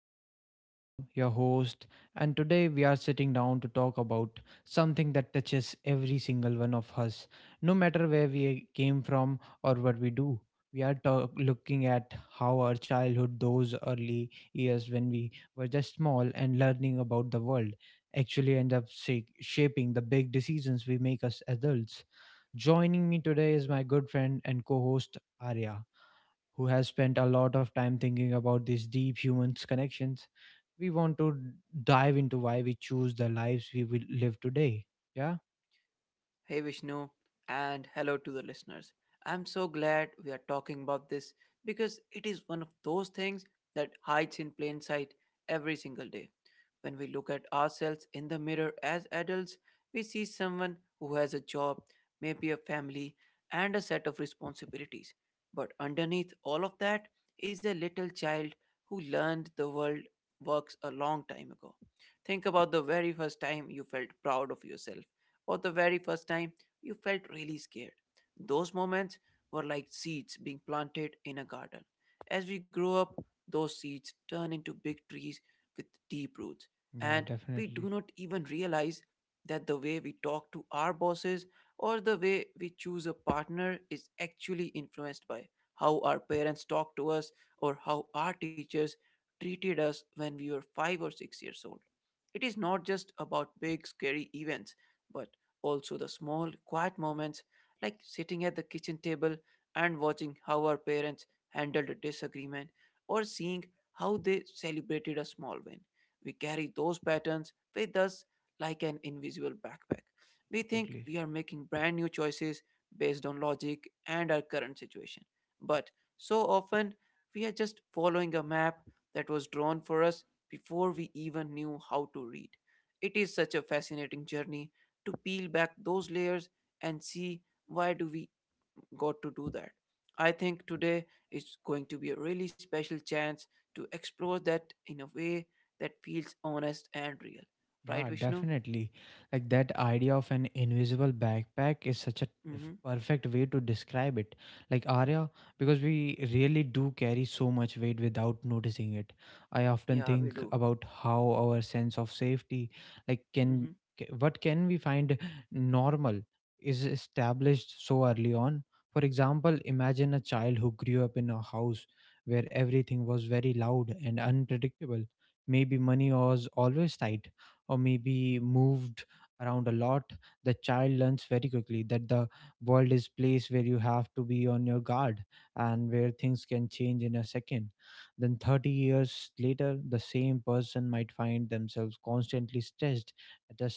I am Vishnu, your host, and today we are sitting down to talk about something that touches every single one of us, no matter where we came from or what we do. We are looking at how our childhood, those early years when we were just small and learning about the world, actually end up shaping the big decisions we make as adults. Joining me today is my good friend and co host, Arya, who has spent a lot of time thinking about these deep human connections. We want to dive into why we choose the lives we will live today. Yeah, Hey Vishnu, and hello to the listeners. I'm so glad we are talking about this because it is one of those things that hides in plain sight every single day. When we look at ourselves in the mirror as adults, we see someone who has a job, maybe a family, and a set of responsibilities. But underneath all of that is a little child who learned the world works a long time ago. Think about the very first time you felt proud of yourself, or the very first time you felt really scared. Those moments were like seeds being planted in a garden. As we grow up, those seeds turn into big trees with deep roots, yeah, and we do Definitely. not even realize that the way we talk to our bosses or the way we choose a partner is actually influenced by how our parents talk to us or how our teachers treated us when we were 5 or 6 years old. It is not just about big, scary events, but also the small, quiet moments like sitting at the kitchen table and watching how our parents handled a disagreement or seeing how they celebrated a small win. We carry those patterns with us like an invisible backpack. We think Totally. we are making brand new choices based on logic and our current situation. But so often, we are just following a map that was drawn for us before we even knew how to read. It is such a fascinating journey to peel back those layers and see why do we got to do that. I think today is going to be a really special chance to explore that in a way that feels honest and real. Right, Yeah, Vishnu? definitely. Like that idea of an invisible backpack is such a Mm-hmm. perfect way to describe it. Like, Arya, because we really do carry so much weight without noticing it. I often Yeah, we think do. about how our sense of safety, like, can Mm-hmm. What can we find normal is established so early on. For example, imagine a child who grew up in a house where everything was very loud and unpredictable. Maybe money was always tight or maybe moved around a lot. The child learns very quickly that the world is place where you have to be on your guard and where things can change in a second. Then 30 years later, the same person might find themselves constantly stressed at a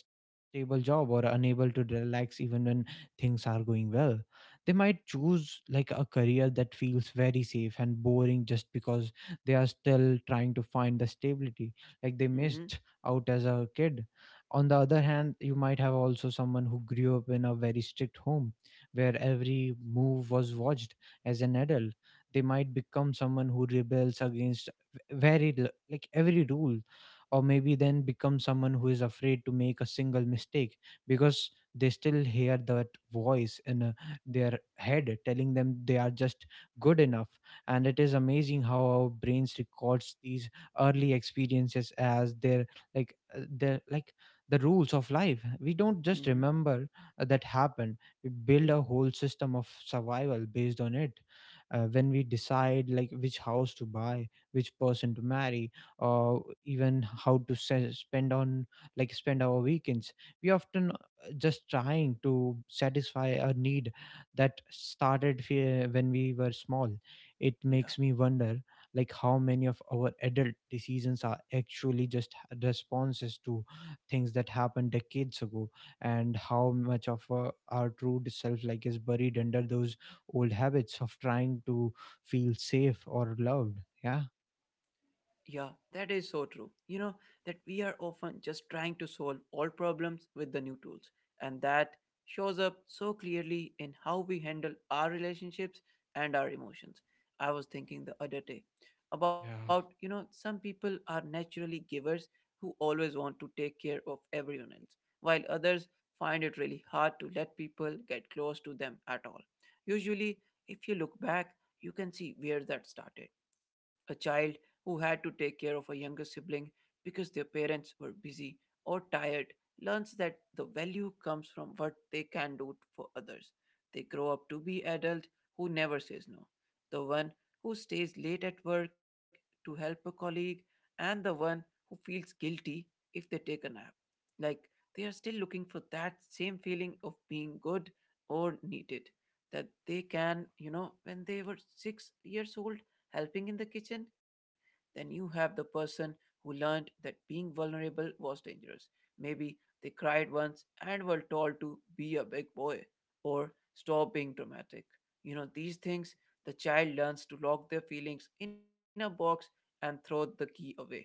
stable job, or unable to relax even when things are going well. They might choose like a career that feels very safe and boring just because they are still trying to find the stability like they Mm-hmm. missed out as a kid. On the other hand, you might have also someone who grew up in a very strict home where every move was watched. As an adult, they might become someone who rebels against like every rule, or maybe then become someone who is afraid to make a single mistake because they still hear that voice in their head telling them they are just good enough. And it is amazing how our brains records these early experiences as their like uh, the like the rules of life. We don't just Mm-hmm. remember that happened, we build a whole system of survival based on it. When we decide like which house to buy, which person to marry, or even how to spend on, like, spend our weekends, we often just trying to satisfy a need that started when we were small. It Yeah. makes me wonder like how many of our adult decisions are actually just responses to things that happened decades ago, and how much of our true self like is buried under those old habits of trying to feel safe or loved. Yeah. Yeah, that is so true. You know, that we are often just trying to solve old problems with the new tools. And that shows up so clearly in how we handle our relationships and our emotions. I was thinking the other day about, you Yeah. know, some people are naturally givers who always want to take care of everyone else, while others find it really hard to let people get close to them at all. Usually, if you look back, you can see where that started. A child who had to take care of a younger sibling because their parents were busy or tired, learns that the value comes from what they can do for others. They grow up to be adult who never says no, the one who stays late at work to help a colleague, and the one who feels guilty if they take a nap. Like they are still looking for that same feeling of being good or needed that they can, you know, when they were 6 years old, helping in the kitchen. Then you have the person who learned that being vulnerable was dangerous. Maybe they cried once and were told to be a big boy or stop being dramatic. You know, these things the child learns to lock their feelings in a box and throw the key away.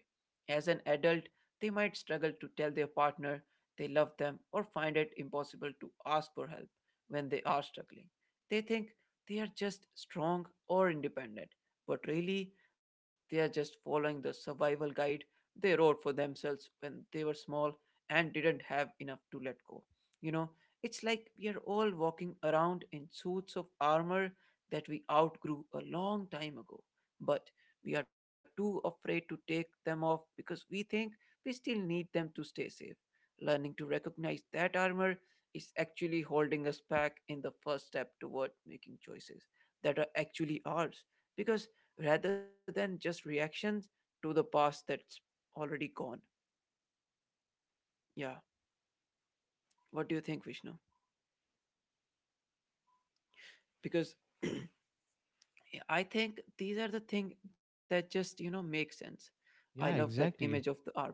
As an adult, they might struggle to tell their partner they love them or find it impossible to ask for help when they are struggling. They think they are just strong or independent, but really they are just following the survival guide they wrote for themselves when they were small and didn't have enough to let go. You know, it's like we are all walking around in suits of armor that we outgrew a long time ago, but we are too afraid to take them off because we think we still need them to stay safe. Learning to recognize that armor is actually holding us back in the first step toward making choices that are actually ours, because rather than just reactions to the past that's already gone. Yeah. What do you think, Vishnu? Because I think these are the things that just make sense. I love Yeah, that image of exactly. the armor.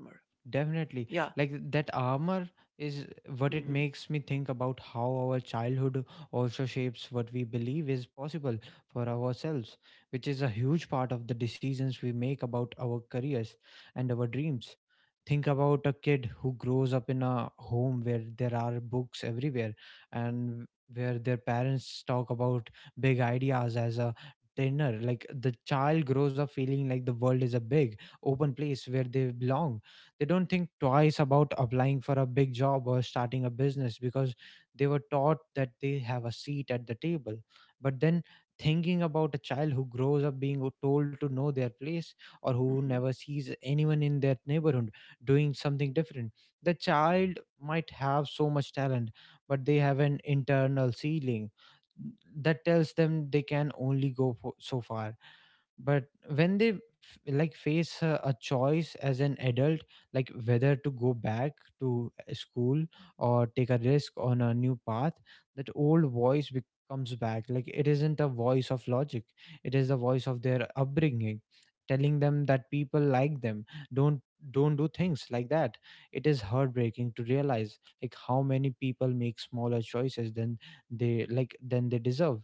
Definitely. Yeah. Like that armor is what it Mm-hmm, makes me think about how our childhood also shapes what we believe is possible for ourselves, which is a huge part of the decisions we make about our careers and our dreams. Think about a kid who grows up in a home where there are books everywhere and where their parents talk about big ideas as a dinner. Like the child grows up feeling like the world is a big, open place where they belong. They don't think twice about applying for a big job or starting a business because they were taught that they have a seat at the table. But then, thinking about a child who grows up being told to know their place, or mm-hmm, who never sees anyone in their neighborhood doing something different, the child might have so much talent, but they have an internal ceiling that tells them they can only go for, so far. But when they like face a choice as an adult, like whether to go back to school or take a risk on a new path, that old voice comes back. Like it isn't a voice of logic, it is the voice of their upbringing telling them that people like them don't don't do things like that. It is heartbreaking to realize like how many people make smaller choices than they like than they deserve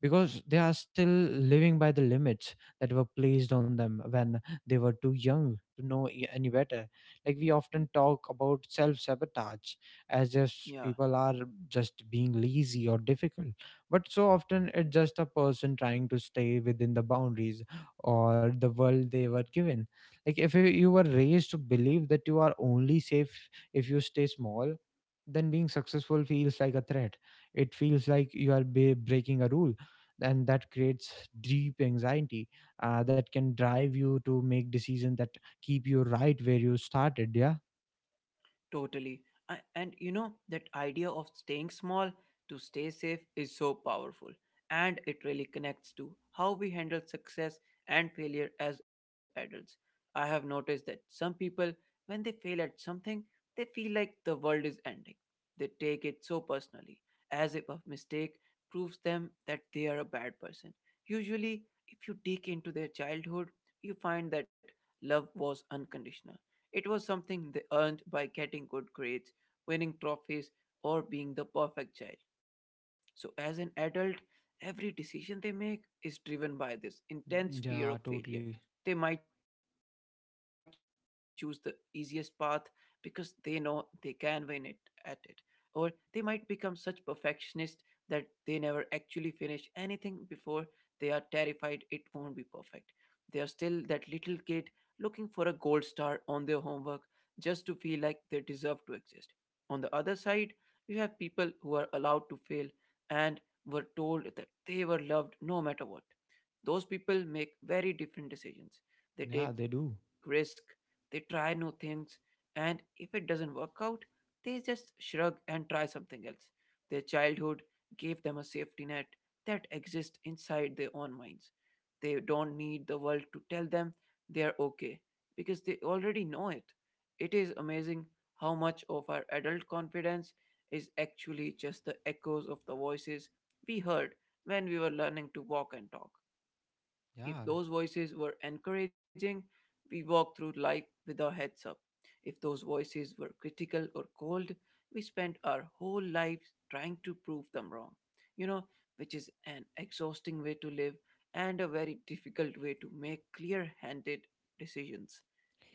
because they are still living by the limits that were placed on them when they were too young to know any better. Like we often talk about self sabotage as if yeah. people are just being lazy or difficult, but so often it's just a person trying to stay within the boundaries or the world they were given. Like if you were raised to believe that you are only safe if you stay small, then being successful feels like a threat. It feels like you are be breaking a rule, and that creates deep anxiety that can drive you to make decisions that keep you right where you started. Yeah. Totally. I, and you know, that idea of staying small to stay safe is so powerful. And it really connects to how we handle success and failure as adults. I have noticed that some people, when they fail at something, they feel like the world is ending. They take it so personally, as if a mistake proves them that they are a bad person. Usually, if you dig into their childhood, you find that love was unconditional, it was something they earned by getting good grades, winning trophies, or being the perfect child. So, as an adult, every decision they make is driven by this intense fear of Yeah, failure. totally. They might choose the easiest path because they know they can win it at it, or they might become such perfectionists that they never actually finish anything before they are terrified it won't be perfect. They are still that little kid looking for a gold star on their homework just to feel like they deserve to exist. On the other side, you have people who are allowed to fail and were told that they were loved no matter what. Those people make very different decisions. They Yeah, take they risk, do. they try new things, and if it doesn't work out, they just shrug and try something else. Their childhood gave them a safety net that exists inside their own minds. They don't need the world to tell them they are okay because they already know it. It is amazing how much of our adult confidence is actually just the echoes of the voices we heard when we were learning to walk and talk. If Yeah, those voices were encouraging, we walked through life with our heads up. If those voices were critical or cold, we spent our whole lives trying to prove them wrong. You know, which is an exhausting way to live and a very difficult way to make clear handed decisions.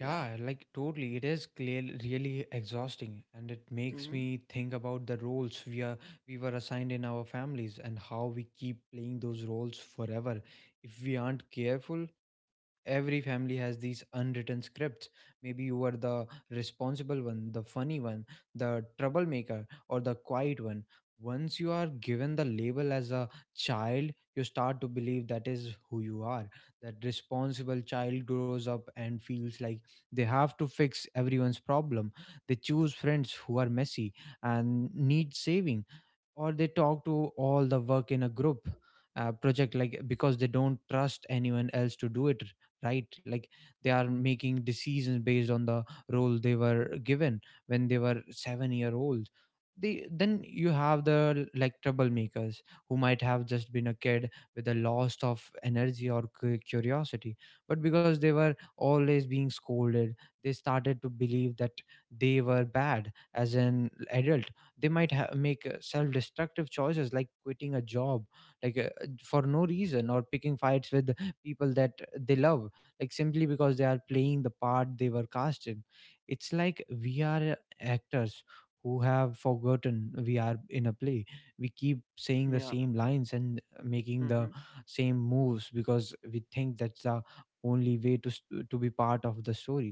Yeah. like totally. It is clear, really exhausting, and it makes Mm-hmm. me think about the roles we were assigned in our families, and how we keep playing those roles forever if we aren't careful. Every family has these unwritten scripts. Maybe you are the responsible one, the funny one, the troublemaker, or the quiet one. Once you are given the label as a child, you start to believe that is who you are. That responsible child grows up and feels like they have to fix everyone's problem. They choose friends who are messy and need saving, or they talk to all the work in a group project like because they don't trust anyone else to do it right. Like they are making decisions based on the role they were given when they were 7-year old. They then you have the like troublemakers who might have just been a kid with a loss of energy or curiosity, but because they were always being scolded, they started to believe that they were bad. As an adult, they might make self-destructive choices like quitting a job like uh, for no reason, or picking fights with people that they love, like simply because they are playing the part they were cast in. It's like we are actors who have forgotten we are in a play. We keep saying the same Yeah. lines and making the Mm-hmm. same moves because we think that's the only way to to be part of the story.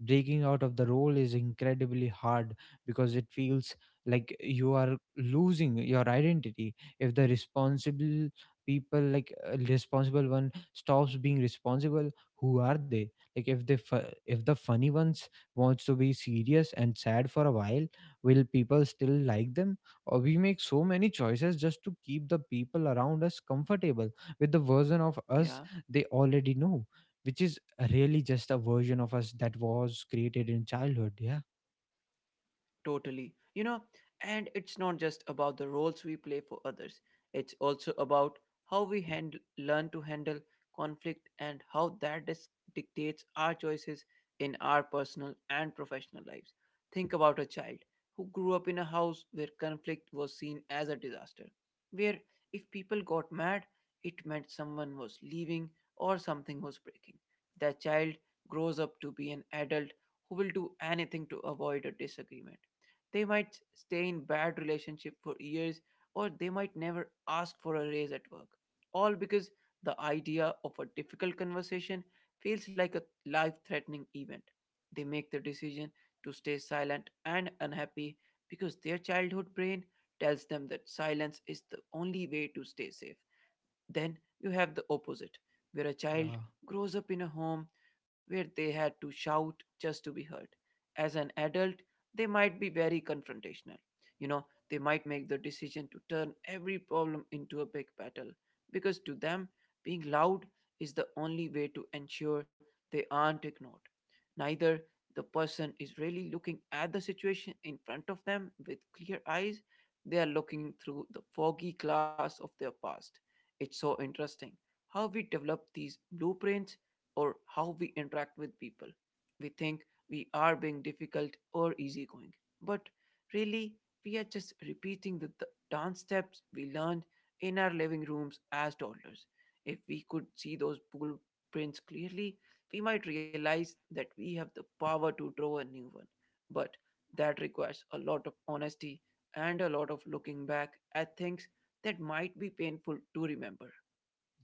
Breaking out of the role is incredibly hard because it feels like you are losing your identity. If the responsible people like responsible one stops being responsible, who are they? Like if if the funny ones wants to be serious and sad for a while, will people still like them? Or we make so many choices just to keep the people around us comfortable with the version of Yeah. us they already know, which is really just a version of us that was created in childhood. Yeah. Totally. You know, and it's not just about the roles we play for others, it's also about how we learn to handle conflict and how that dictates our choices in our personal and professional lives. Think about a child who grew up in a house where conflict was seen as a disaster, where if people got mad, it meant someone was leaving or something was breaking. That child grows up to be an adult who will do anything to avoid a disagreement. They might stay in bad relationship for years or they might never ask for a raise at work. All because the idea of a difficult conversation feels like a life-threatening event. They make the decision to stay silent and unhappy because their childhood brain tells them that silence is the only way to stay safe. Then you have the opposite, where a Yeah. child grows up in a home where they had to shout just to be heard. As an adult, they might be very confrontational. You know, they might make the decision to turn every problem into a big battle because to them, being loud is the only way to ensure they aren't ignored. Neither the person is really looking at the situation in front of them with clear eyes, they are looking through the foggy glass of their past. It's so interesting how we develop these blueprints or how we interact with people. We think we are being difficult or easygoing, but really, we are just repeating the dance steps we learned in our living rooms as toddlers. If we could see those blueprints clearly, we might realize that we have the power to draw a new one. But that requires a lot of honesty and a lot of looking back at things that might be painful to remember.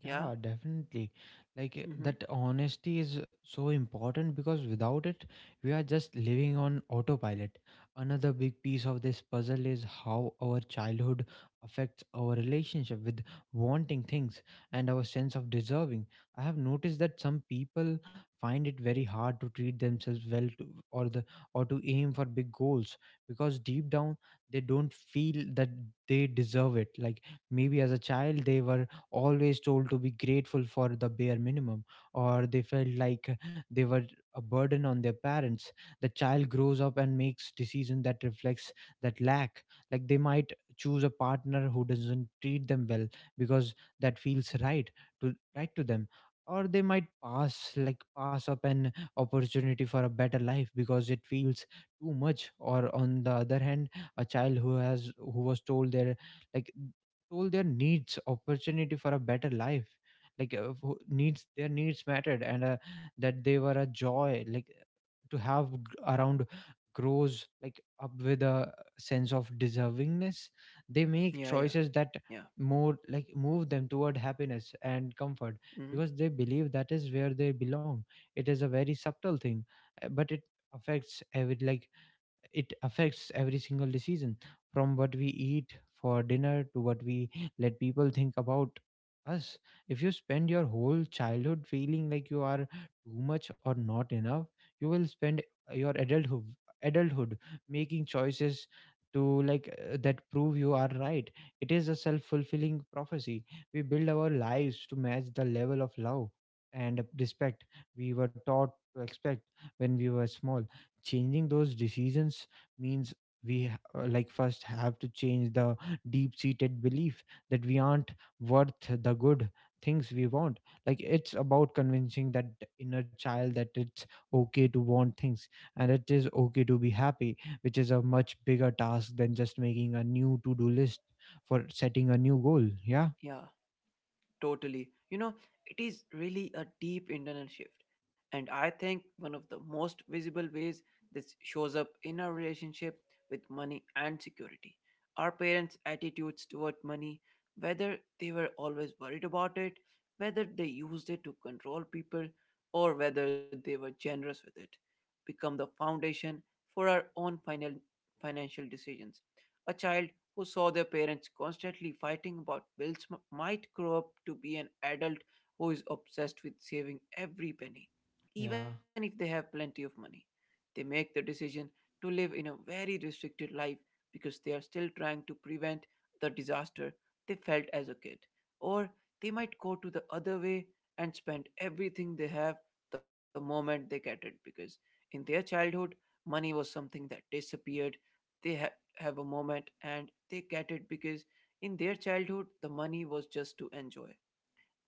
Yeah, Yeah. definitely. Like Mm-hmm. that honesty is so important, because without it, we are just living on autopilot. Another big piece of this puzzle is how our childhood affects our relationship with wanting things and our sense of deserving. I have noticed that some people find it very hard to treat themselves well to, or the or to aim for big goals because deep down they don't feel that they deserve it. Like maybe as a child they were always told to be grateful for the bare minimum, or they felt like they were a burden on their parents. The child grows up and makes decisions that reflects that lack. Like they might choose a partner who doesn't treat them well because that feels right to right to them. Or they might pass up an opportunity for a better life because it feels too much. Or on the other hand, a child who was like told their needs opportunity for a better life like who- needs their needs mattered and that they were a joy, to have around, grows up with a sense of deservingness. They make Yeah. Yeah. choices that Yeah. more like move them toward happiness and comfort Mm-hmm. because they believe that is where they belong. It is a very subtle thing, but affects every like it affects every single decision, from what we eat for dinner to what we let people think about us. If you spend your whole childhood feeling like you are too much or not enough, you will spend your adulthood making choices to like that prove you are right. It is a self-fulfilling prophecy. We build our lives to match the level of love and respect we were taught to expect when we were small. Changing those decisions means we first have to change the deep seated belief that we aren't worth the good things we want. Like it's about convincing that inner child that it's okay to want things and it is okay to be happy, which is a much bigger task than just making a new to do list for setting a new goal. Yeah. Yeah. Totally. You know, it is really a deep internal shift. And I think one of the most visible ways this shows up in our relationship with money and security. Our parents' attitudes toward money, whether they were always worried about it, whether they used it to control people, or whether they were generous with it, become the foundation for our own financial decisions. A child who saw their parents constantly fighting about bills might grow up to be an adult who is obsessed with saving every penny, even Yeah, if they have plenty of money. They make the decision to live in a very restricted life because they are still trying to prevent the disaster they felt as a kid. Or they might go to the other way and spend everything they have the moment they get it because in their childhood, money was something that disappeared. They have a moment and they get it because in their childhood the money was just to enjoy.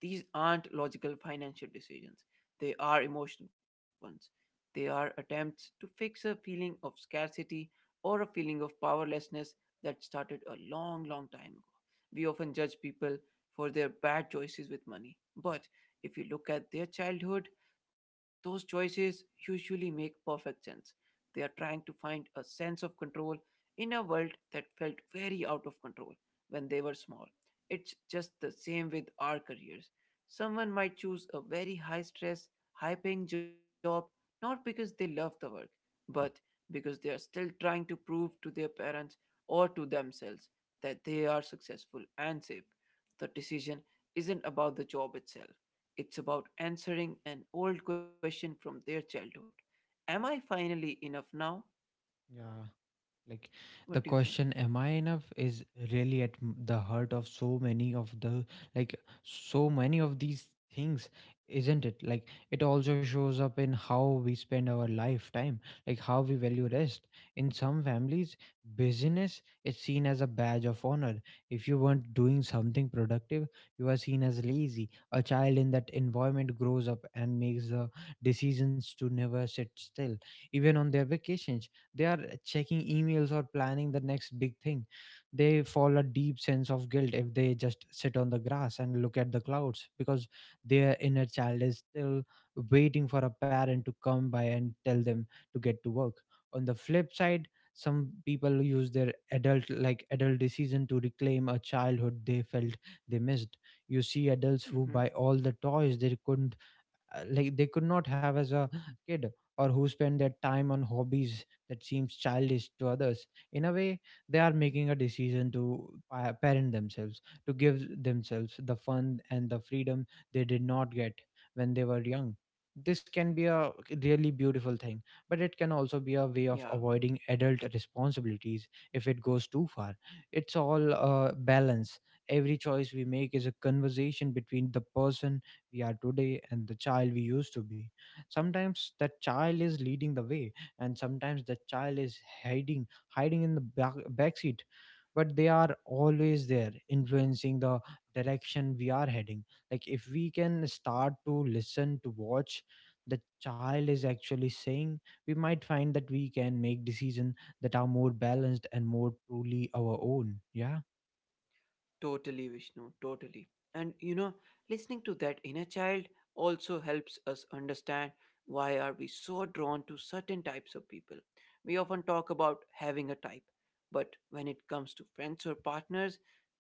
These aren't logical financial decisions, they are emotional ones. They are attempts to fix a feeling of scarcity or a feeling of powerlessness that started a long, long time ago. We often judge people for their bad choices with money, but if you look at their childhood, those choices usually make perfect sense. They are trying to find a sense of control in a world that felt very out of control when they were small. It's just the same with our careers. Someone might choose a very high stress, high paying job not because they love the work, but because they are still trying to prove to their parents or to themselves that they are successful and safe. The decision isn't about the job itself, it's about answering an old question from their childhood. Am I finally enough now? yeah. Like the What do you think? question, am I enough, is really at the heart of like so many of these things, isn't it? Like it also shows up in how we spend our lifetime, like how we value rest. In some families, busyness is seen as a badge of honor. If you weren't doing something productive, you are seen as lazy. A child in that environment grows up and makes the decisions to never sit still. Even on their vacations they are checking emails or planning the next big thing. They fall a deep sense of guilt if they just sit on the grass and look at the clouds because their inner child is still waiting for a parent to come by and tell them to get to work. On the flip side, some people use their adult decision to reclaim a childhood they felt they missed. You see adults who buy Hmm. all the toys they couldn't they could not have as a kid, or who spend their time on hobbies that seems childish to others. In a way, they are making a decision to parent themselves, to give themselves the fun and the freedom they did not get when they were young. This can be a really beautiful thing, but it can also be a way of Yeah. avoiding adult responsibilities if it goes too far. It's all balance. Every choice we make is a conversation between the person we are today and the child we used to be. Sometimes that child is leading the way, and sometimes the child is hiding in the back seat. But they are always there, influencing the direction we are heading. Like if we can start to listen, to watch, the child is actually saying, we might find that we can make decisions that are more balanced and more truly our own. Yeah. Totally, Vishnu, totally. And you know, listening to that inner child also helps us understand why are we so drawn to certain types of people. We often talk about having a type, but when it comes to friends or partners,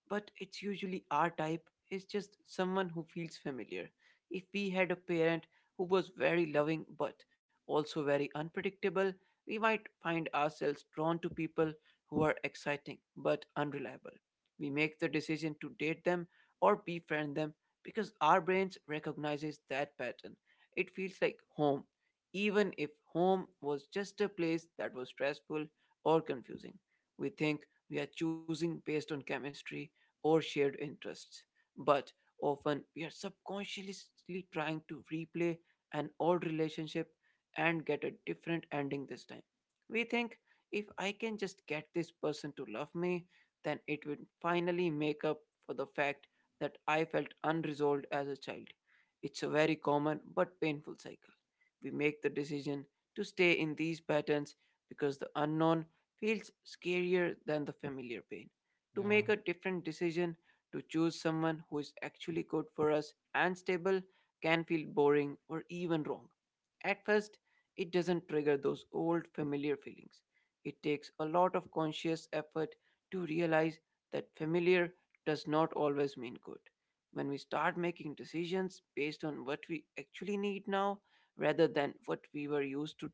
but it's usually our type is just someone who feels familiar. If we had a parent who was very loving but also very unpredictable, we might find ourselves drawn to people who are exciting but unreliable. We make the decision to date them or befriend them because our brains recognizes that pattern. It feels like home, even if home was just a place that was stressful or confusing. We think we are choosing based on chemistry or shared interests, but often we are subconsciously trying to replay an old relationship and get a different ending this time. We think if I can just get this person to love me, then it would finally make up for the fact that I felt unresolved as a child. It's a very common but painful cycle. We make the decision to stay in these patterns because the unknown feels scarier than the familiar pain. To Yeah, make a different decision, to choose someone who is actually good for us and stable, can feel boring or even wrong. At first, it doesn't trigger those old familiar feelings. It takes a lot of conscious effort to realize that familiar does not always mean good. When we start making decisions based on what we actually need now rather than what we were used to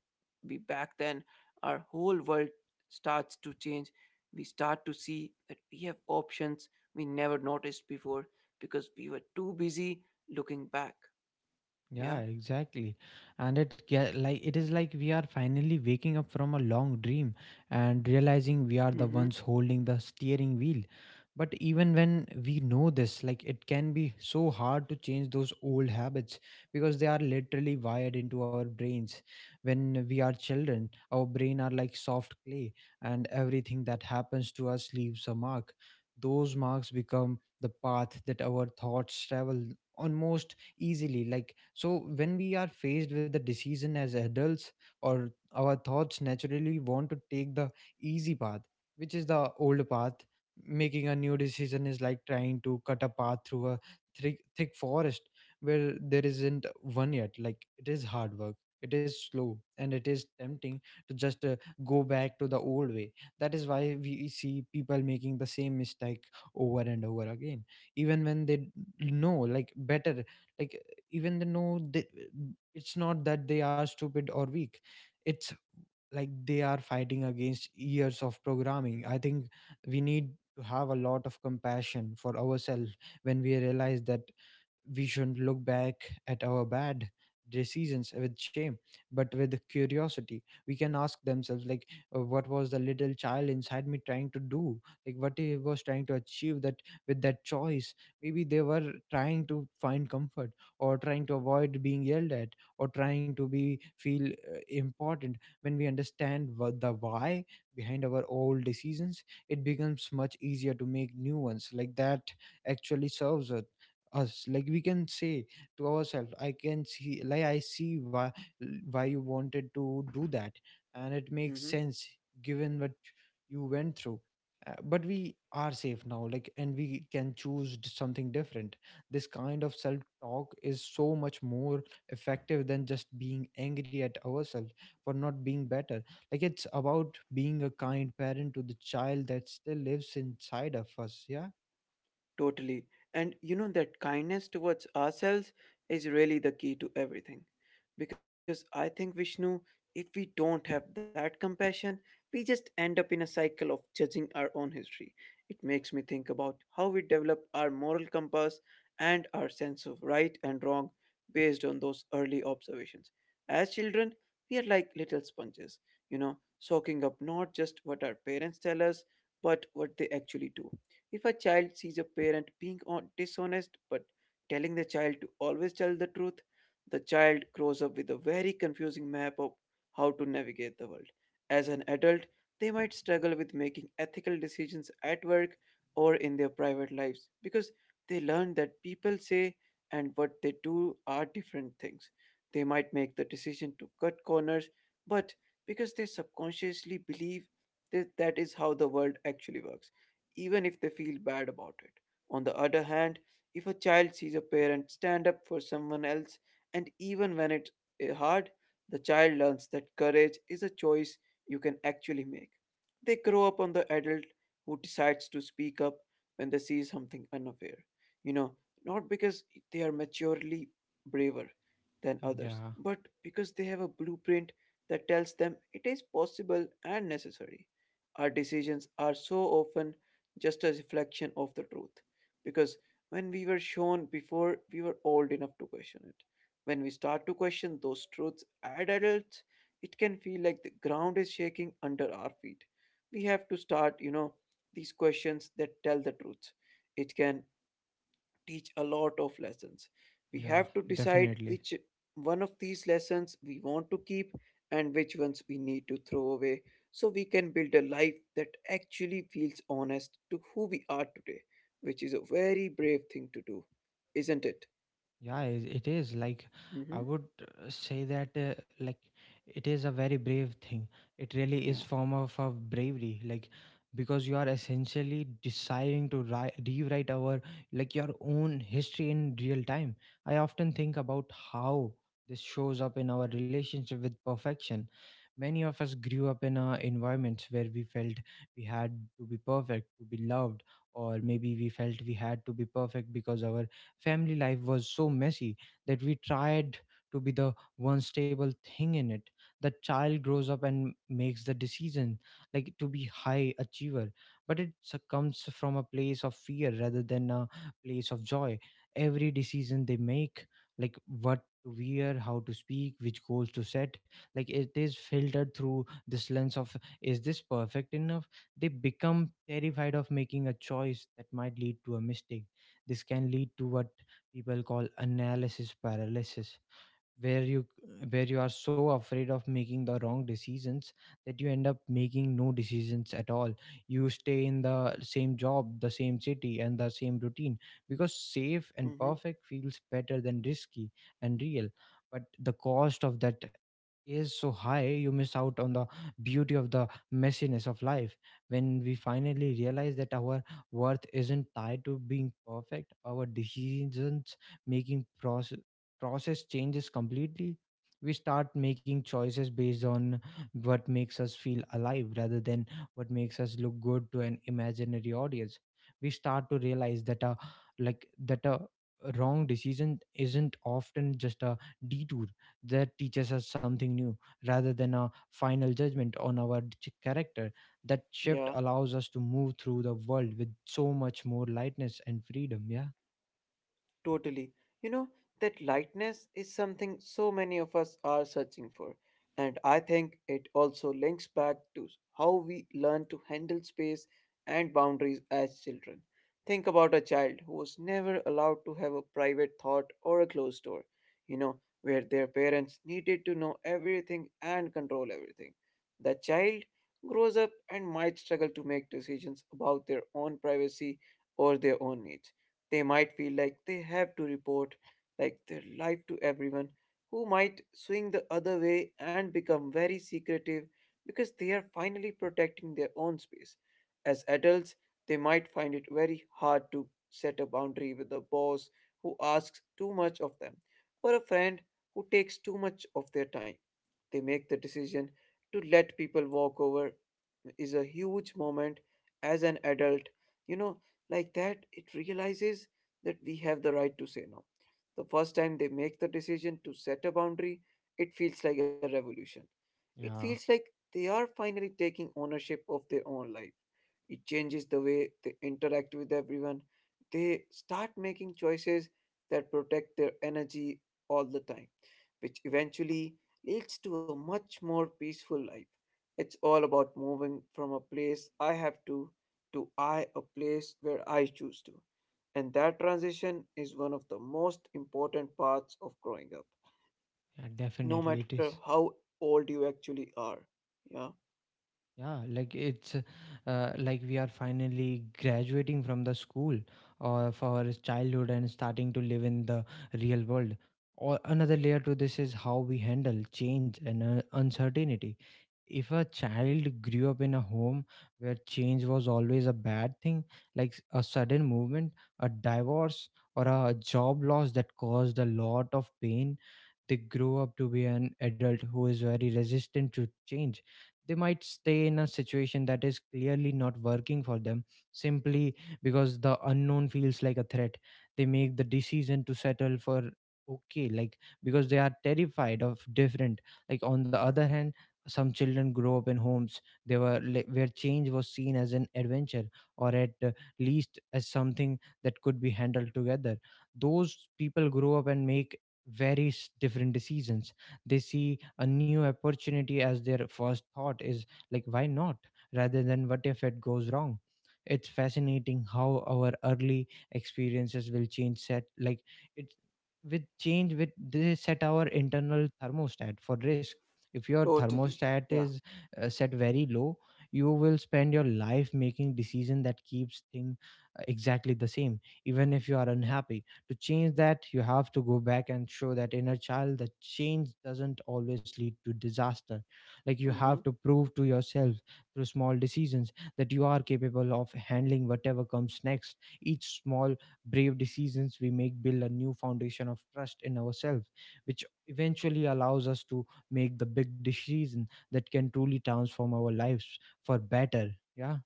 be back then, our whole world starts to change. We start to see that we have options we never noticed before because we were too busy looking back. Yeah, Yeah? exactly. And it is like we are finally waking up from a long dream and realizing we Mm are the hmm. ones holding the steering wheel. But even when we know this, like it can be so hard to change those old habits because they are literally wired into our brains. When we are children, our brain are like soft clay, and everything that happens to us leaves a mark. Those marks become the path that our thoughts travel almost easily. Like, so when we are faced with a decision as adults, or our thoughts naturally want to take the easy path, which is the old path. Making a new decision is like trying to cut a path through a thick forest where there isn't one yet. Like, it is hard work, it is slow, and it is tempting to just go back to the old way. That is why we see people making the same mistake over and over again, even when they know better. Like, even it's not that they are stupid or weak. It's like they are fighting against years of programming. I think we need to have a lot of compassion for ourselves. When we realize that, we shouldn't look back at our bad decisions with shame, but with curiosity. We can ask themselves, like, what was the little child inside me trying to do? Like, what he was trying to achieve that with that choice? Maybe they were trying to find comfort, or trying to avoid being yelled at, or trying to be feel important. When we understand what the why behind our old decisions, it becomes much easier to make new ones that actually serves us. Like we can say to ourselves, I can see like I see why you wanted to do that, and it Mm makes hmm. sense given what you went through. But we are safe now, like, and we can choose something different. This kind of self talk is so much more effective than just being angry at ourselves for not being better. Like it's about being a kind parent to the child that still lives inside of us. Yeah. Totally. And you know that kindness towards ourselves is really the key to everything. Because I think, Vishnu, if we don't have that compassion, we just end up in a cycle of judging our own history. It makes me think about how we develop our moral compass and our sense of right and wrong based on those early observations. As children, we are like little sponges, you know, soaking up not just what our parents tell us, but what they actually do. If a child sees a parent being dishonest but telling the child to always tell the truth, the child grows up with a very confusing map of how to navigate the world. As an adult, they might struggle with making ethical decisions at work or in their private lives because they learn that people say and what they do are different things. They might make the decision to cut corners, but because they subconsciously believe that that is how the world actually works, even if they feel bad about it. On the other hand, if a child sees a parent stand up for someone else, and even when it's hard, the child learns that courage is a choice you can actually make. They grow up on the adult who decides to speak up when they see something unfair. You know, not because they are maturely braver than others, Yeah, but because they have a blueprint that tells them it is possible and necessary. Our decisions are so often just a reflection of the truth. Because when we were shown before, we were old enough to question it. When we start to question those truths as adults, it can feel like the ground is shaking under our feet. We have to start, you know, these questions that tell the truth. It can teach a lot of lessons. We yeah, have to decide definitely. which one of these lessons we want to keep and which ones we need to throw away so we can build a life that actually feels honest to who we are today, which is a very brave thing to do, isn't it? Yeah, it is like, I Mm-hmm. would say that it is a very brave thing. It really is Yeah. form of bravery, like because you are essentially deciding to rewrite our like your own history in real time. I often think about how this shows up in our relationship with perfection. Many of us grew up in environments where we felt we had to be perfect to be loved, or maybe we felt we had to be perfect because our family life was so messy that we tried to be the one stable thing in it. The child grows up and makes the decision, like, to be high achiever, but it comes from a place of fear rather than a place of joy. Every decision they make, like what to wear, how to speak, which goals to set, like it is filtered through this lens of, is this perfect enough? They become terrified of making a choice that might lead to a mistake. This can lead to a people call analysis paralysis, where you are so afraid of making the wrong decisions that you end up making no decisions at all. You stay in the same job, the same city, and the same routine because safe and Mm-hmm. perfect feels better than risky and real. But the cost of that is so high. You miss out on the beauty of the messiness of life. When we finally realize that our worth isn't tied to being perfect, our decisions making process changes completely. We start making choices based on what makes us feel alive rather than what makes us look good to an imaginary audience. We start to realize that a like that a wrong decision isn't often just a detour that teaches us something new, rather than a final judgment on our character. That shift Yeah. allows us to move through the world with so much more lightness and freedom. Yeah. Totally. You know, that lightness is something so many of us are searching for. And I think it also links back to how we learn to handle space and boundaries as children. Think about a child who was never allowed to have a private thought or a closed door, you know, where their parents needed to know everything and control everything. The child grows up and might struggle to make decisions about their own privacy or their own needs they might feel like they have to report like their life to everyone, who might swing the other way and become very secretive because they are finally protecting their own space. As adults, they might find it very hard to set a boundary with a boss who asks too much of them, or a friend who takes too much of their time. They make the decision to let people walk over is a huge moment as an adult you know like that it realizes that we have the right to say no. The first time they make the decision to set a boundary, it feels like a revolution. It yeah feels like they are finally taking ownership of their own life. It changes the way they interact with everyone. They start making choices that protect their energy all the time, which eventually leads to a much more peaceful life. It's all about moving from a place I have to I a place where I choose to. And that transition is one of the most important parts of growing up, yeah no definitely it matter is. how old you actually are. Yeah, Yeah, like it's like we are finally graduating from the school or for childhood and starting to live in the real world. Or another layer to this is how we handle change and uncertainty. If a child grew up in a home where change was always a bad thing, like a sudden movement, a divorce, or a job loss that caused a lot of pain, they grow up to be an adult who is very resistant to change. They might stay in a situation that is clearly not working for them simply because the unknown feels like a threat. They make the decision to settle for okay, like, because they are terrified of different. Like, on the other hand, some children grow up in homes where change was seen as an adventure, or at least as something that could be handled together. Those people grow up and make various different decisions. They see a new opportunity as their first thought is, like, why not, rather than what if it goes wrong. It's fascinating how our early experiences will change set like it with change with they set our internal thermostat for risk. If your totally. thermostat Yeah. is set very low, you will spend your life making decision that keeps thing exactly the same even if you are unhappy. To change that, you have to go back and show that inner child that change doesn't always lead to disaster. Like, you have Mm-hmm. to prove to yourself through small decisions that you are capable of handling whatever comes next. Each small brave decisions we make build a new foundation of trust in ourselves, which eventually allows us to make the big decision that can truly transform our lives for better. Yeah.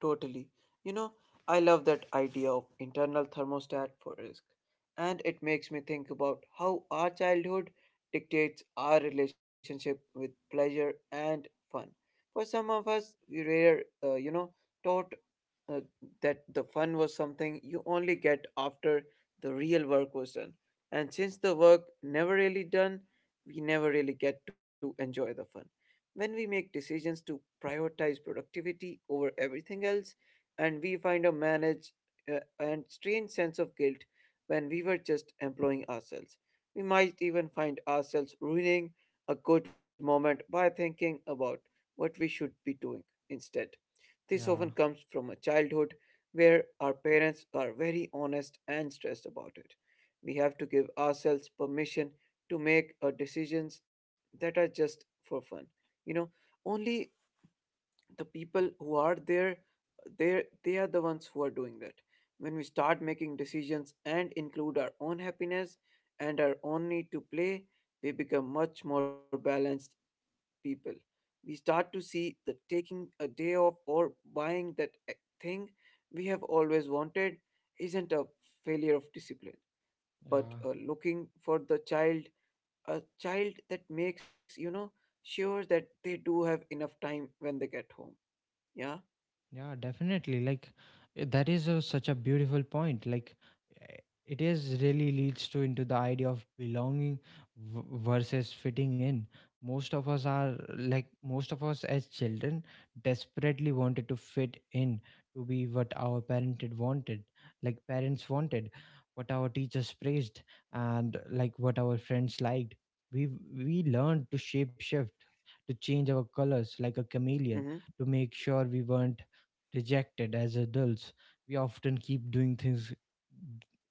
Totally. You know, I love that idea of internal thermostat for risk. And it makes me think about how our childhood dictates our relationship with pleasure and fun. For some of us, we were, you know, taught uh, that the fun was something you only get after the real work was done. And since the work never really done, we never really get to enjoy the fun when we make decisions to prioritize productivity over everything else, and we find a manage and strange sense of guilt when we were just employing ourselves. We might even find ourselves ruining a good moment by thinking about what we should be doing instead. This often Yeah, comes from a childhood where our parents are very honest and stressed about it. We have to give ourselves permission to make decisions that are just for fun. You know, only the people who are there they are the ones who are doing that. When we start making decisions and include our own happiness and our own need to play, we become much more balanced people. We start to see that taking a day off or buying that e- thing we have always wanted isn't a failure of discipline, but yeah. Looking for the child, a child that makes, you know, sure that they do have enough time when they get home. Yeah? Yeah, definitely. Like, that is a, such a beautiful point. Like, eh, it is really leads to into the idea of belonging versus fitting in. Most of us as children desperately wanted to fit in, to be what our parented wanted, like parents wanted, what our teachers praised, and like what our friends liked. We learned to shape shift, to change our colors like a Mm hmm. chameleon, to make sure we weren't rejected. As adults we often keep doing things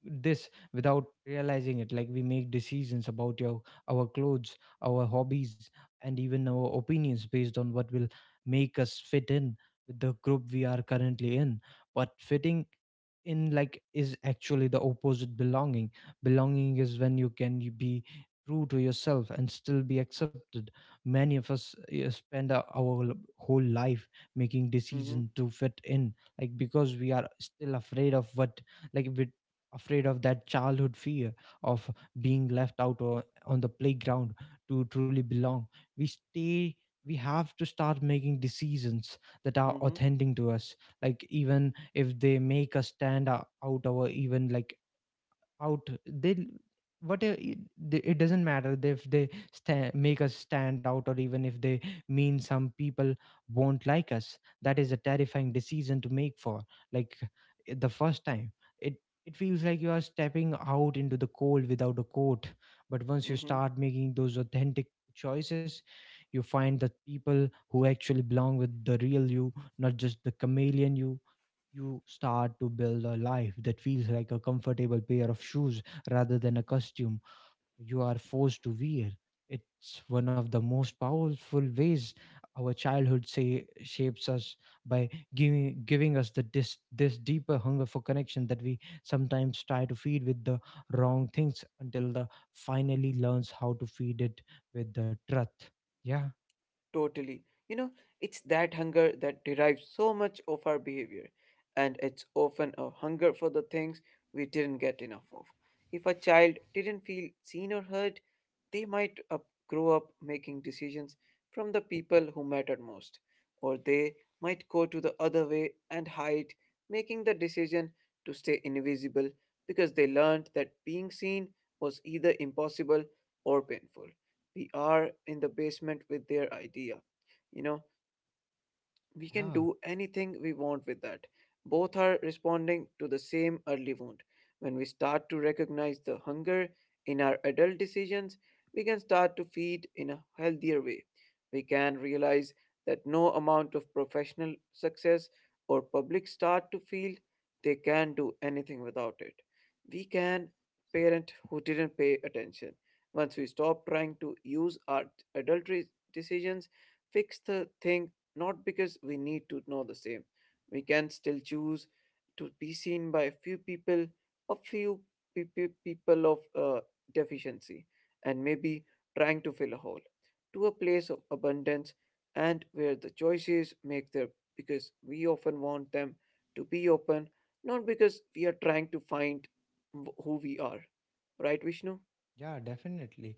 this without realizing it. Like we make decisions about your our clothes, our hobbies, and even our opinions based on what will make us fit in with the group we are currently in. But fitting in like is actually the opposite belonging. Belonging is when you can be true to yourself and still be accepted. Many of us spend our whole life making Mm hmm. decision to fit in, like because we are still afraid of what like we afraid of that childhood fear of being left out or on the playground. To truly belong we stay we have to start making decisions that are Mm hmm. authentic to us, like even if they make us stand out or even like out they whatever it doesn't matter if they make us stand out or even if they mean some people won't like us. That is a terrifying decision to make for, like, the first time. It it feels like you are stepping out into the cold without a coat. But once you Mm hmm. start making those authentic choices, you find the people who actually belong with the real you, not just the chameleon you. You start to build a life that feels like a comfortable pair of shoes rather than a costume you are forced to wear. It's one of the most powerful ways our childhood say, shapes us, by giving us the this this deeper hunger for connection that we sometimes try to feed with the wrong things until the finally learns how to feed it with the truth. Yeah, Totally. You know, it's that hunger that derives so much of our behavior, and it's often a hunger for the things we didn't get enough of. If a child didn't feel seen or heard, they might grow up making decisions from the people who mattered most, or they might go to the other way and hide, making the decision to stay invisible because they learned that being seen was either impossible or painful. We are in the basement with their idea, you know, we can yeah, do anything we want with that. Both are responding to the same early wound. When we start to recognize the hunger in our adult decisions, we can start to feed in a healthier way. We can realize that no amount of professional success or public start to feel they can do anything without it. We can parent who didn't pay attention. Once we stop trying to use our adult decisions, fix the thing not because we need to know the same. We can still choose to be seen by a few people, a few people of deficiency, and maybe trying to fill a hole to a place of abundance and where the choices make their because we often want them to be open, not because we are trying to find who we are. Right, Vishnu? yeah, definitely.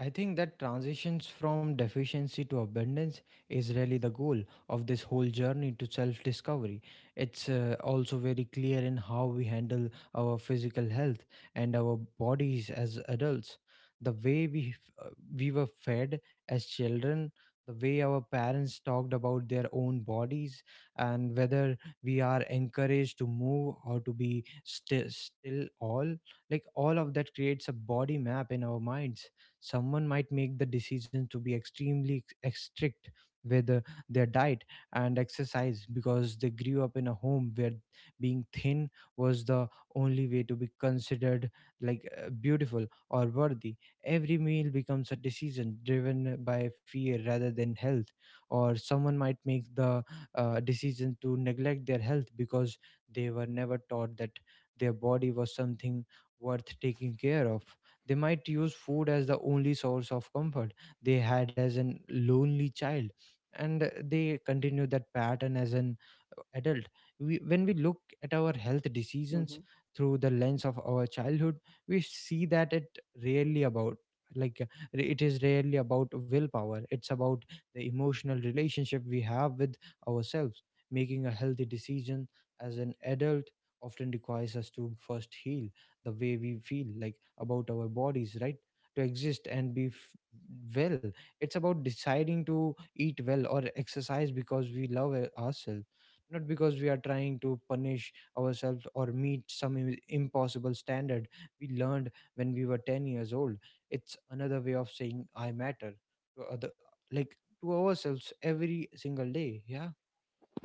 I think that transitions from deficiency to abundance is really the goal of this whole journey to self discovery. It's also very clear in how we handle our physical health and our bodies as adults. The way we were fed as children, the way our parents talked about their own bodies, and whether we are encouraged to move or to be still, all of that creates a body map in our minds. Someone might make the decision to be extremely strict with their diet and exercise because they grew up in a home where being thin was the only way to be considered like beautiful or worthy. Every meal becomes a decision driven by fear rather than health. Or someone might make the decision to neglect their health because they were never taught that their body was something worth taking care of. They might use food as the only source of comfort they had as a lonely child, and they continue that pattern as an adult. When we look at our health decisions through the lens of our childhood, we see that rarely about like uh, it is rarely about willpower. It's about the emotional relationship we have with ourselves. Making a healthy decision as an adult often requires us to first heal the way we feel like about our bodies, right? To exist and be well, it's about deciding to eat well or exercise because we love ourselves, not because we are trying to punish ourselves or meet some impossible standard we learned when we were 10 years old. It's another way of saying I matter to other, like to ourselves every single day. Yeah,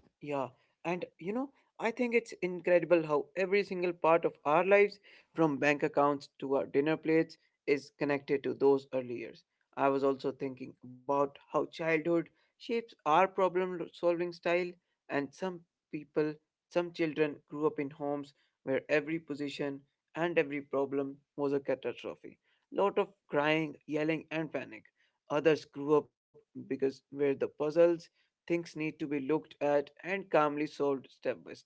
Yeah, and I think it's incredible how every single part of our lives, from bank accounts to our dinner plates, is connected to those early years. I was also thinking about how childhood shapes our problem solving style, and some people, some children grew up in homes where every position and every problem was a catastrophe. Lot of crying, yelling, and panic. Others grew up because where the puzzles things need to be looked at and calmly solved step by step.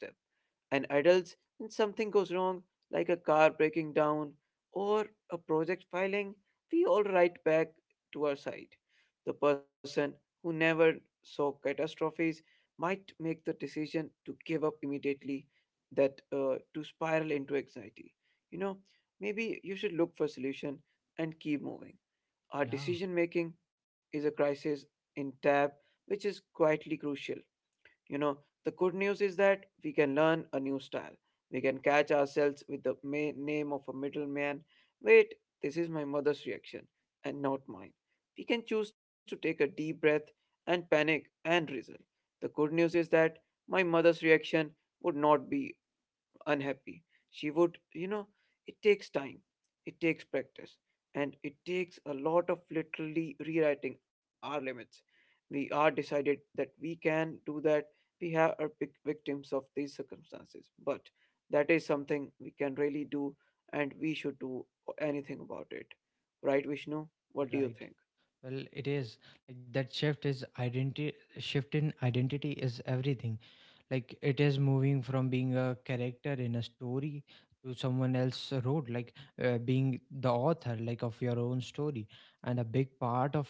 And adults, when something goes wrong, like a car breaking down or a project filing, we all write back to our side. The person who never saw catastrophes might make the decision to give up immediately, that to spiral into anxiety. You know, maybe you should look for solution and keep moving. Our yeah. decision making is a crisis in tab, which is quietly crucial. You know, the good news is that we can learn a new style. We can catch ourselves with the name of a middleman. Wait, this is my mother's reaction and not mine. We can choose to take a deep breath and panic and result. The good news is that my mother's reaction would not be unhappy. She would, you know, it takes time, it takes practice, and it takes a lot of literally rewriting our limits. We are decided that we can do that. We have are victims of these circumstances, but that is something we can really do, and we should do anything about it. Right, Vishnu? What do you Right. think? Well, it is like that shift is identity shift in identity is everything. Like it is moving from being a character in a story to someone else wrote, like being the author like of your own story. And a big part of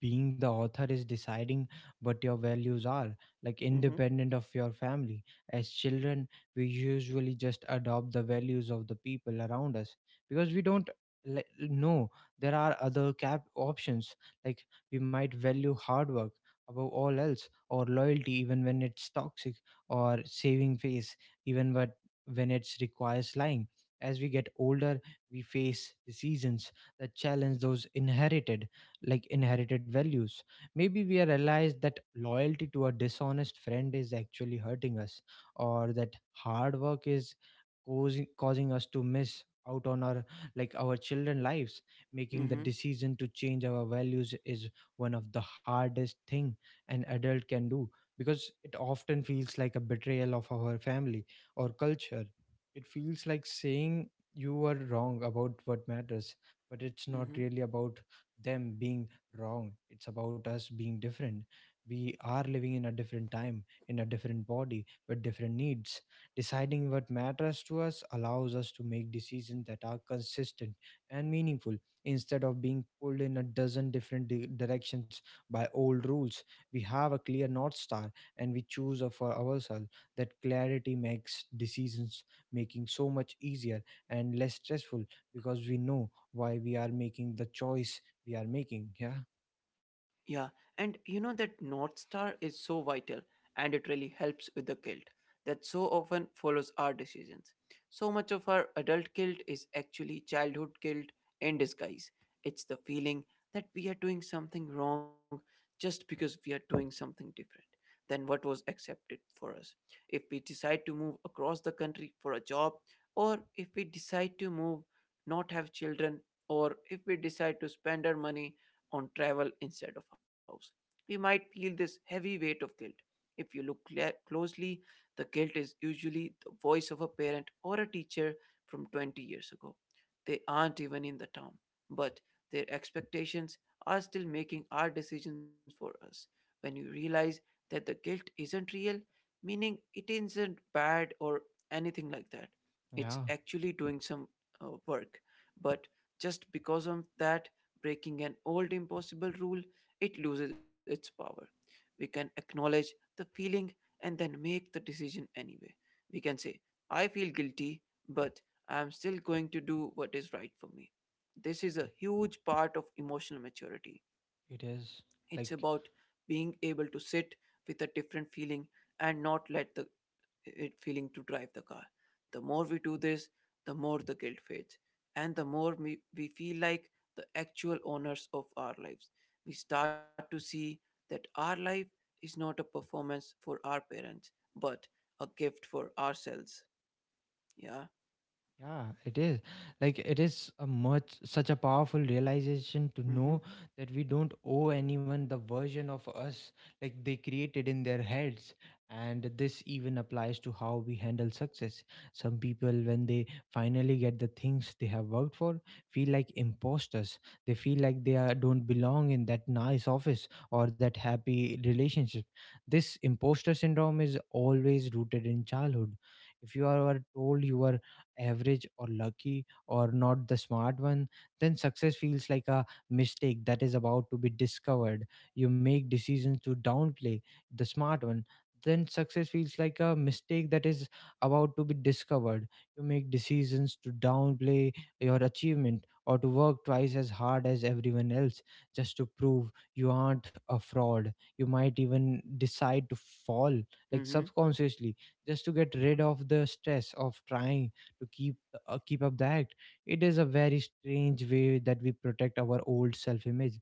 being the author is deciding what your values are, like Hmm. independent of your family. As children we usually just adopt the values of the people around us because we don't know there are other cap options. Like we might value hard work above all else, or loyalty even when it's toxic, or saving face even but when it requires lying. As we get older we face decisions that challenge those inherited values. Maybe we realize that loyalty to a dishonest friend is actually hurting us, or that hard work is causing us to miss out on our children lives. Making the Mm-hmm. decision to change our values is one of the hardest thing an adult can do, because it often feels like a betrayal of our family or culture. It feels like saying you were wrong about what matters, but it's not really Mm-hmm. about them being wrong. It's about us being different. We are living in a different time, in a different body, with different needs. Deciding what matters to us allows us to make decisions that are consistent and meaningful instead of being pulled in a dozen different directions by old rules. We have a clear North Star and we choose for ourselves. That clarity makes decisions making so much easier and less stressful because we know why we are making the choice we are making. Yeah. Yeah, and you know that North Star is so vital and it really helps with the guilt that so often follows our decisions. So much of our adult guilt is actually childhood guilt in disguise. It's the feeling that we are doing something wrong just because we are doing something different than what was accepted for us. If we decide to move across the country for a job, or if we decide to move, not have children, or if we decide to spend our money on travel instead of house. We might feel this heavy weight of guilt. If you look cla closely, the guilt is usually the voice of a parent or a teacher from 20 years ago. They aren't even in the town, but their expectations are still making our decisions for us. When you realize that the guilt isn't real, meaning it isn't bad or anything like that, it's Yeah, actually doing some work. But just because of that, breaking an old impossible rule, it loses its power. We can acknowledge the feeling and then make the decision anyway. We can say, I feel guilty, but I am still going to do what is right for me. This is a huge part of emotional maturity. it is. It's about Like being able to sit with a different feeling and not let the it feeling to drive the car. The more we do this, the more the guilt fades, and the more we feel like the actual owners of our lives. We start to see that our life is not a performance for our parents, but a gift for ourselves. Yeah. Yeah, it is. Like it is a much such a powerful realization to Mm-hmm. know that we don't owe anyone the version of us like they created in their heads. And this even applies to how we handle success. Some people, when they finally get the things they have worked for, feel like imposters. They feel like don't belong in that nice office or that happy relationship. This imposter syndrome is always rooted in childhood. If you are told you were average or lucky or not the smart one, then success feels like a mistake that is about to be discovered. You make decisions to downplay the smart one. Then success feels like a mistake that is about to be discovered. You make decisions to downplay your achievement or to work twice as hard as everyone else just to prove you aren't a fraud. You might even decide to fall, like Mm-hmm. subconsciously, just to get rid of the stress of trying to keep keep up that. It is a very strange way that we protect our old self image.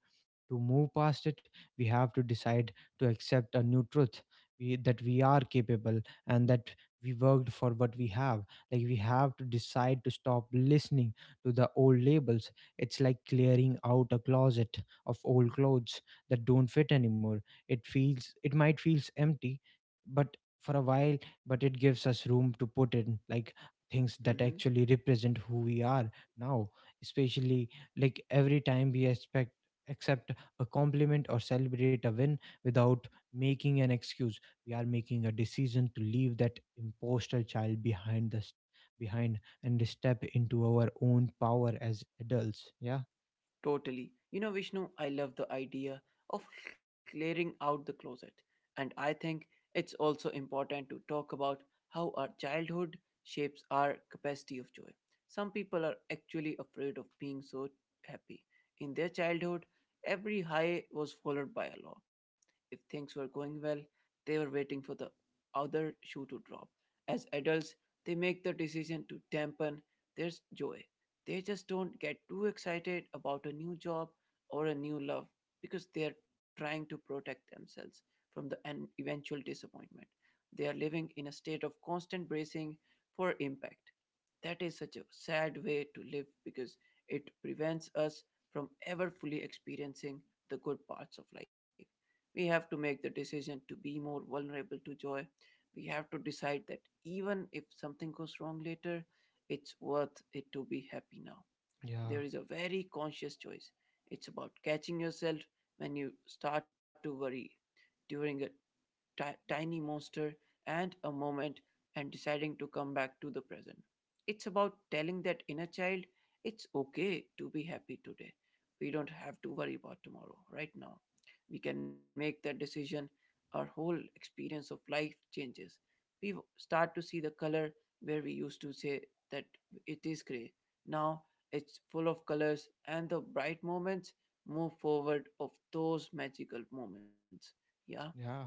To move past it we have to decide to accept a new truth, that we are capable and that we worked for what we have. Like we have to decide to stop listening to the old labels. It's like clearing out a closet of old clothes that don't fit anymore. It feels it might feels empty but for a while, but it gives us room to put in like things that Mm-hmm. actually represent who we are now. Especially, like every time we expect accept a compliment or celebrate a win without making an excuse, we are making a decision to leave that imposter child behind and step into our own power as adults. Yeah, Totally. You know, Vishnu, I love the idea of clearing out the closet. And I think it's also important to talk about how our childhood shapes our capacity of joy. Some people are actually afraid of being so happy. In their childhood, every high was followed by a low. If things were going well, they were waiting for the other shoe to drop. As adults, they make the decision to dampen their joy they just don't get too excited about a new job or a new love because they are trying to protect themselves from the an eventual disappointment. They are living in a state of constant bracing for impact. That is such a sad way to live because it prevents us from ever fully experiencing the good parts of life. We have to make the decision to be more vulnerable to joy. We have to decide that even if something goes wrong later, it's worth it to be happy now. yeah. There is a very conscious choice. It's about catching yourself when you start to worry during a tiny monster and a moment and deciding to come back to the present. It's about telling that inner child it's okay to be happy today. We don't have to worry about tomorrow, right now. We can make that decision. Our whole experience of life changes. We start to see the color where we used to say that it is gray. Now it's full of colors, and the bright moments move forward of those magical moments. Yeah. Yeah,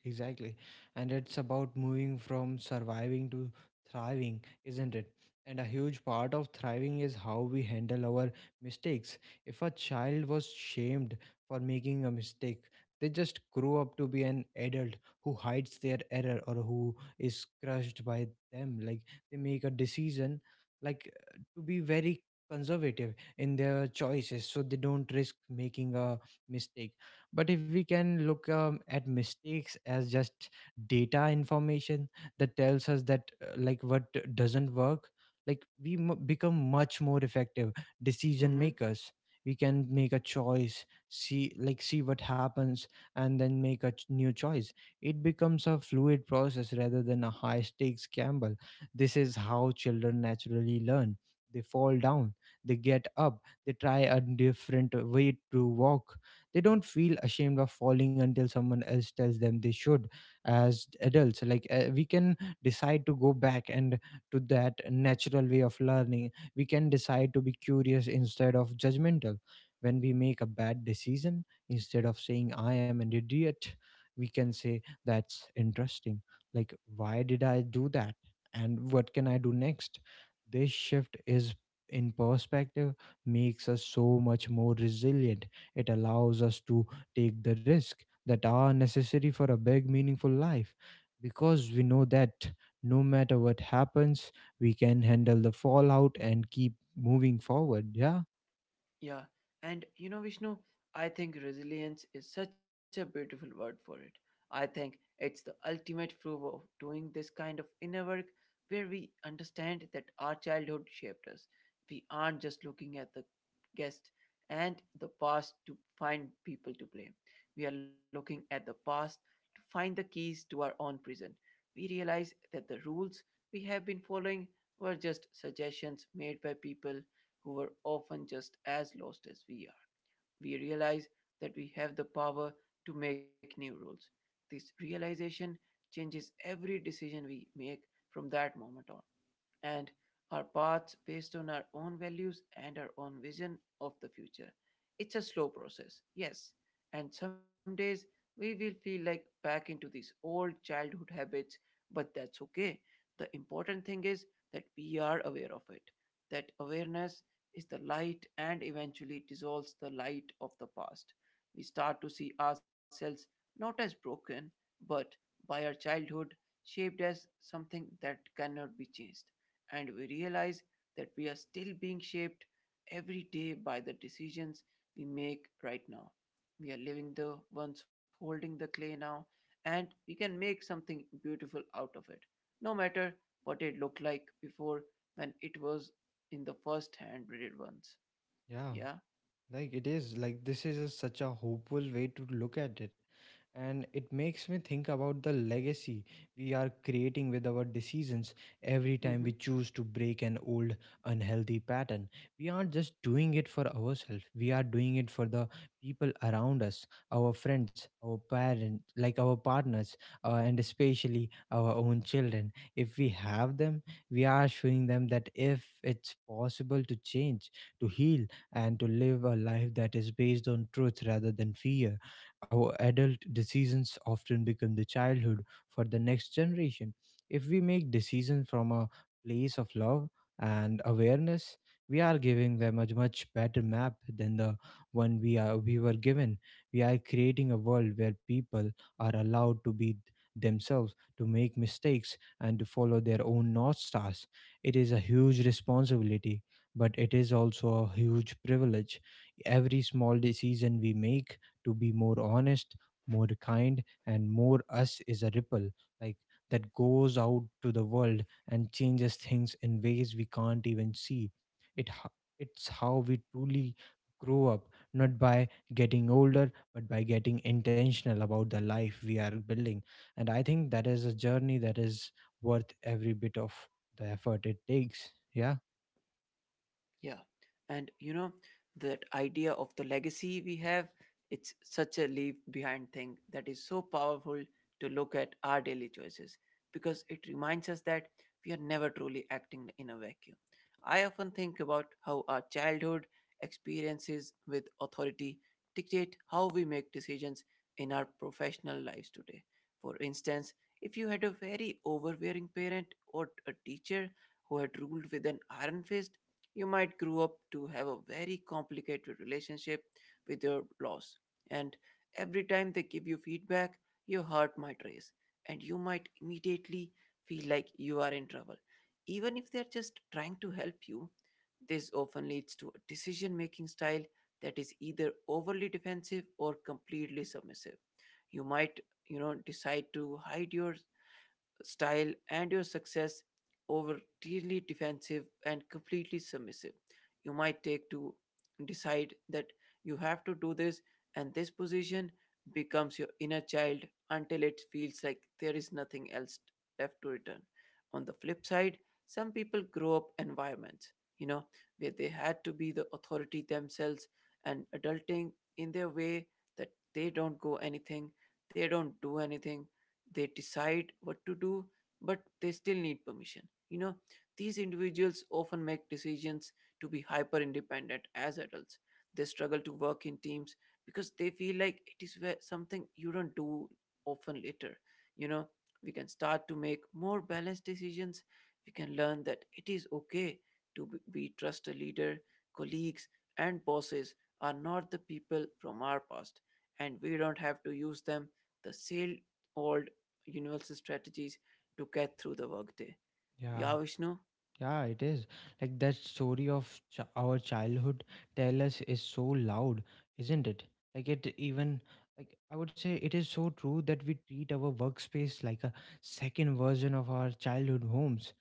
exactly. And it's about moving from surviving to thriving, isn't it? And a huge part of thriving is how we handle our mistakes. If a child was shamed for making a mistake, they just grow up to be an adult who hides their error or who is crushed by them. Like they make a decision, like to be very conservative in their choices so they don't risk making a mistake. But if we can look at mistakes as just data information that tells us that like what doesn't work, like we become much more effective decision Mm-hmm. makers. We can make a choice, see what happens, and then make a new choice. It becomes a fluid process rather than a high stakes gamble. This is how children naturally learn. They fall down, they get up, they try a different way to walk. They don't feel ashamed of falling until someone else tells them they should. As adults, like we can decide to go back and to that natural way of learning. We can decide to be curious instead of judgmental. When we make a bad decision, instead of saying I am an idiot, we can say that's interesting, like why did I do that and what can I do next. This shift is in perspective makes us so much more resilient. It allows us to take the risk that are necessary for a big, meaningful life, because we know that no matter what happens, we can handle the fallout and keep moving forward. Yeah. Yeah, and Vishnu, I think resilience is such a beautiful word for it. I think it's the ultimate proof of doing this kind of inner work where we understand that our childhood shaped us. We aren't just looking at the guest and the past to find people to blame. We are looking at the past to find the keys to our own prison. We realize that the rules we have been following were just suggestions made by people who were often just as lost as we are. We realize that we have the power to make new rules. This realization changes every decision we make from that moment on and our paths based on our own values and our own vision of the future. It's a slow process, yes, and some days we will feel like back into these old childhood habits, but that's okay. The important thing is that we are aware of it. That awareness is the light and eventually dissolves the light of the past. We start to see ourselves not as broken, but by our childhood shaped as something that cannot be changed and we realize that we are still being shaped every day by the decisions we make right now. We are living the ones holding the clay now, and we can make something beautiful out of it, no matter what it looked like before when it was in the first hand breeded ones. Yeah, Yeah. like it is like this is a, such a hopeful way to look at it. And it makes me think about the legacy we are creating with our decisions. Every time we Hmm. choose to break an old unhealthy pattern, we aren't just doing it for ourselves, we are doing it for the people around us, our friends, our parents, like our partners, and especially our own children if we have them. We are showing them that if it's possible to change, to heal, and to live a life that is based on truth rather than fear. Our adult decisions often become the childhood for the next generation. If we make decisions from a place of love and awareness, we are giving them a much better map than the one we were given. We are creating a world where people are allowed to be themselves, to make mistakes and to follow their own north stars. It is a huge responsibility, but it is also a huge privilege. Every small decision we make to be more honest, more kind, and more us is a ripple, like that goes out to the world and changes things in ways we can't even see. It ho- it's how we truly grow up, not by getting older, but by getting intentional about the life we are building. And I think that is a journey that is worth every bit of the effort it takes. Yeah. And you know, that idea of the legacy we have, it's such a leave behind thing that is so powerful to look at our daily choices because it reminds us that we are never truly acting in a vacuum. I often think about how our childhood experiences with authority dictate how we make decisions in our professional lives today. For instance, if you had a very overbearing parent or a teacher who had ruled with an iron fist, you might grow up to have a very complicated relationship with your loss. And every time they give you feedback, your heart might race, and you might immediately feel like you are in trouble. Even if they're just trying to help you, this often leads to a decision making style that is either overly defensive or completely submissive. You might, you know, decide to hide your style and your success over clearly defensive and completely submissive. You might take to decide that you have to do this, and this position becomes your inner child until it feels like there is nothing else left to return. On the flip side, some people grow up environments, you know, where they had to be the authority themselves and adulting in their way that they don't go anything, they don't do anything, they decide what to do, but they still need permission. You know, these individuals often make decisions to be hyper independent as adults. They struggle to work in teams because they feel like it is where something you don't do often later. You know, we can start to make more balanced decisions. We can learn that it is okay to be trust a leader, colleagues, and bosses are not the people from our past, and we don't have to use them the same old universal strategies to get through the workday. Yeah. Yeah, Vishnu. Yeah, it is. Like that story of our childhood tell us is so loud, isn't it? Like it even, I would say, it is so true that we treat our workspace like a second version of our childhood homes,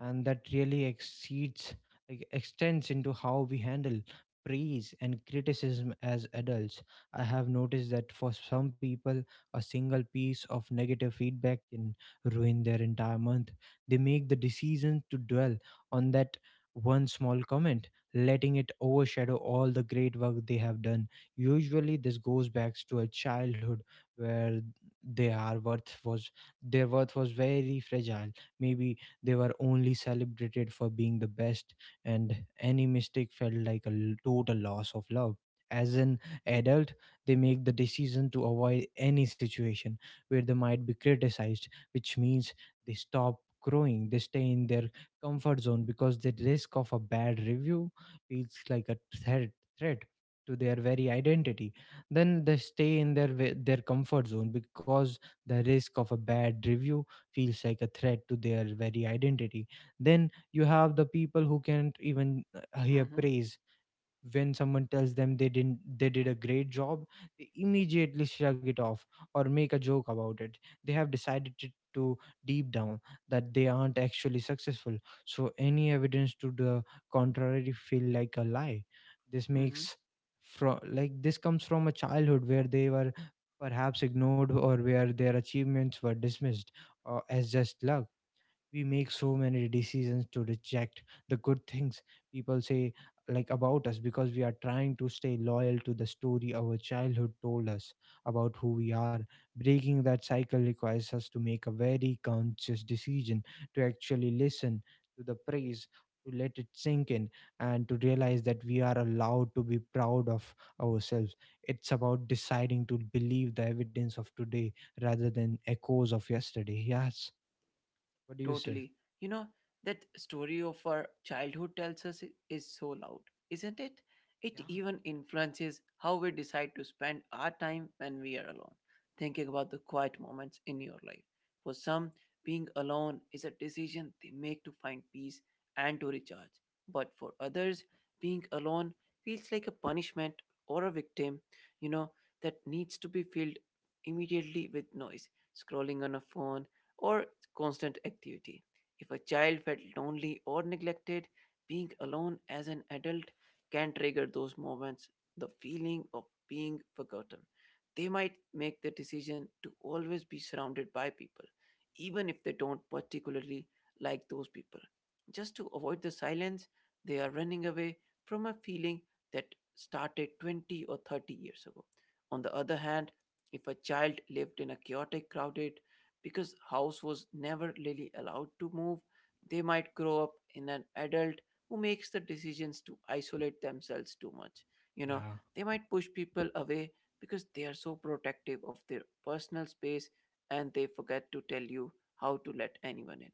and that really exceeds, like extends into how we handle praise and criticism as adults. I have noticed that for some people, a single piece of negative feedback can ruin their entire month. They make the decision to dwell on that one small comment, letting it overshadow all the great work they have done. Usually, this goes back to a childhood where their worth was their worth was very fragile. Maybe they were only celebrated for being the best, and any mistake felt like a total loss of love. As an adult, they make the decision to avoid any situation where they might be criticized, which means they stop growing. They stay in their comfort zone because the risk of a bad review feels like a threat threat to their very identity. Then they stay in their their comfort zone because the risk of a bad review feels like a threat to their very identity. Then you have the people who can't even hear Mm-hmm. praise. When someone tells them they didn't they did a great job, they immediately shrug it off or make a joke about it. They have decided to deep down that they aren't actually successful, so any evidence to the contrary feel like a lie. This Mm-hmm. makes, from like this comes from a childhood where they were perhaps ignored or where their achievements were dismissed, as just luck. We make so many decisions to reject the good things people say, about us, because we are trying to stay loyal to the story our childhood told us about who we are. Breaking that cycle requires us to make a very conscious decision to actually listen to the praise, to let it sink in, and to realize that we are allowed to be proud of ourselves. It's about deciding to believe the evidence of today rather than echoes of yesterday. Yes, what do you say? Totally. You know, that story of our childhood tells us is so loud, isn't it? It Yeah. even influences how we decide to spend our time when we are alone, thinking about the quiet moments in your life. For some, being alone is a decision they make to find peace and to recharge. But for others, being alone feels like a punishment or a victim, you know, that needs to be filled immediately with noise, scrolling on a phone, or constant activity. If a child felt lonely or neglected, being alone as an adult can trigger those moments, the feeling of being forgotten. They might make the decision to always be surrounded by people, even if they don't particularly like those people. Just to avoid the silence, they are running away from a feeling that started 20 or 30 years ago. On the other hand, if a child lived in a chaotic, crowded, because house was never really allowed to move they might grow up in an adult who makes the decisions to isolate themselves too much you know Yeah, they might push people away because they are so protective of their personal space and they forget to tell you how to let anyone in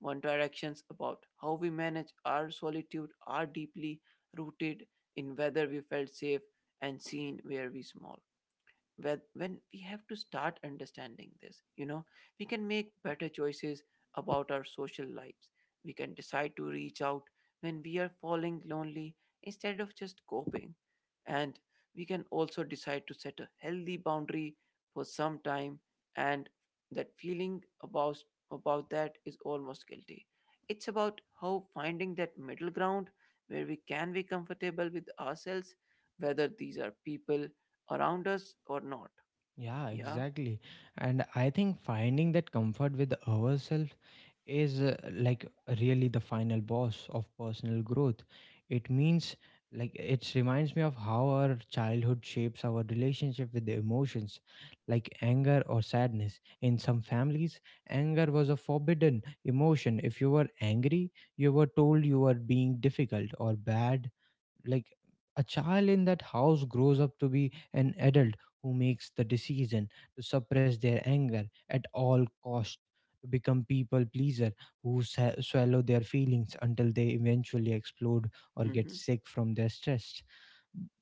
one directions about how we manage our solitude are deeply rooted in whether we felt safe and seen where we small when we have to start understanding this you know we can make better choices about our social lives we can decide to reach out when we are falling lonely instead of just coping and we can also decide to set a healthy boundary for some time and that feeling about that is almost guilty it's about how finding that middle ground where we can be comfortable with ourselves whether these are people around us or not. yeah, Yeah. exactly. And I think finding that comfort with ourselves is, really the final boss of personal growth. It means, like, it reminds me of how our childhood shapes our relationship with the emotions, like anger or sadness. In some families, anger was a forbidden emotion. If you were angry, you were told you were being difficult or bad. Like a child in that house grows up to be an adult who makes the decision to suppress their anger at all cost, to become people pleaser who swallow their feelings until they eventually explode or get Mm-hmm. sick from their stress.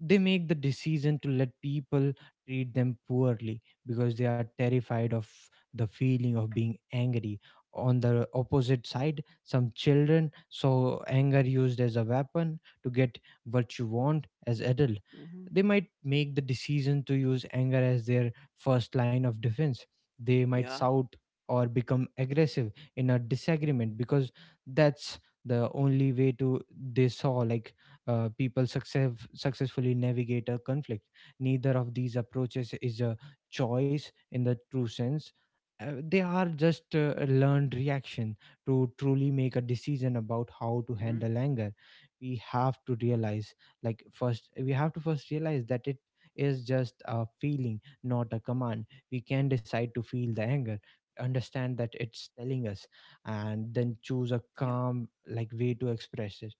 They make the decision to let people treat them poorly because they are terrified of the feeling of being angry. On the opposite side, some children saw anger used as a weapon to get what you want. As adult, Mm-hmm. they might make the decision to use anger as their first line of defense. They might Yeah. shout or become aggressive in a disagreement because that's the only way to, they saw, people successfully navigate a conflict. Neither of these approaches is a choice in the true sense. They are just a learned reaction. To truly make a decision about how to Mm-hmm. handle anger, we have to realize, like, first, we have to first realize that it is just a feeling, not a command. We can decide to feel the anger, understand that it's telling us, and then choose a Yeah. calm, like, way to express it.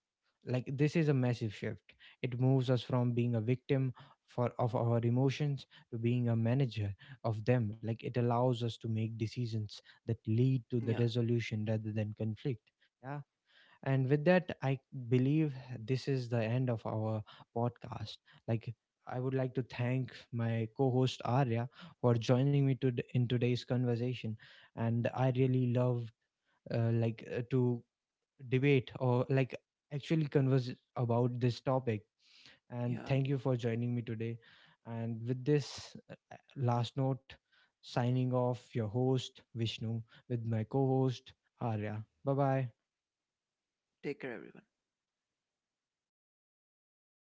Like this is a massive shift. It moves us from being a victim for of our emotions to being a manager of them. Like it allows us to make decisions that lead to Yeah. the resolution rather than conflict. Yeah. And with that, I believe this is the end of our podcast. Like I would like to thank my co-host Arya for joining me to in today's conversation, and I really love, to debate, or like actually converse about this topic. And Yeah. thank you for joining me today. And with this last note, signing off your host, Vishnu, with my co host, Arya. Bye bye. Take care, everyone.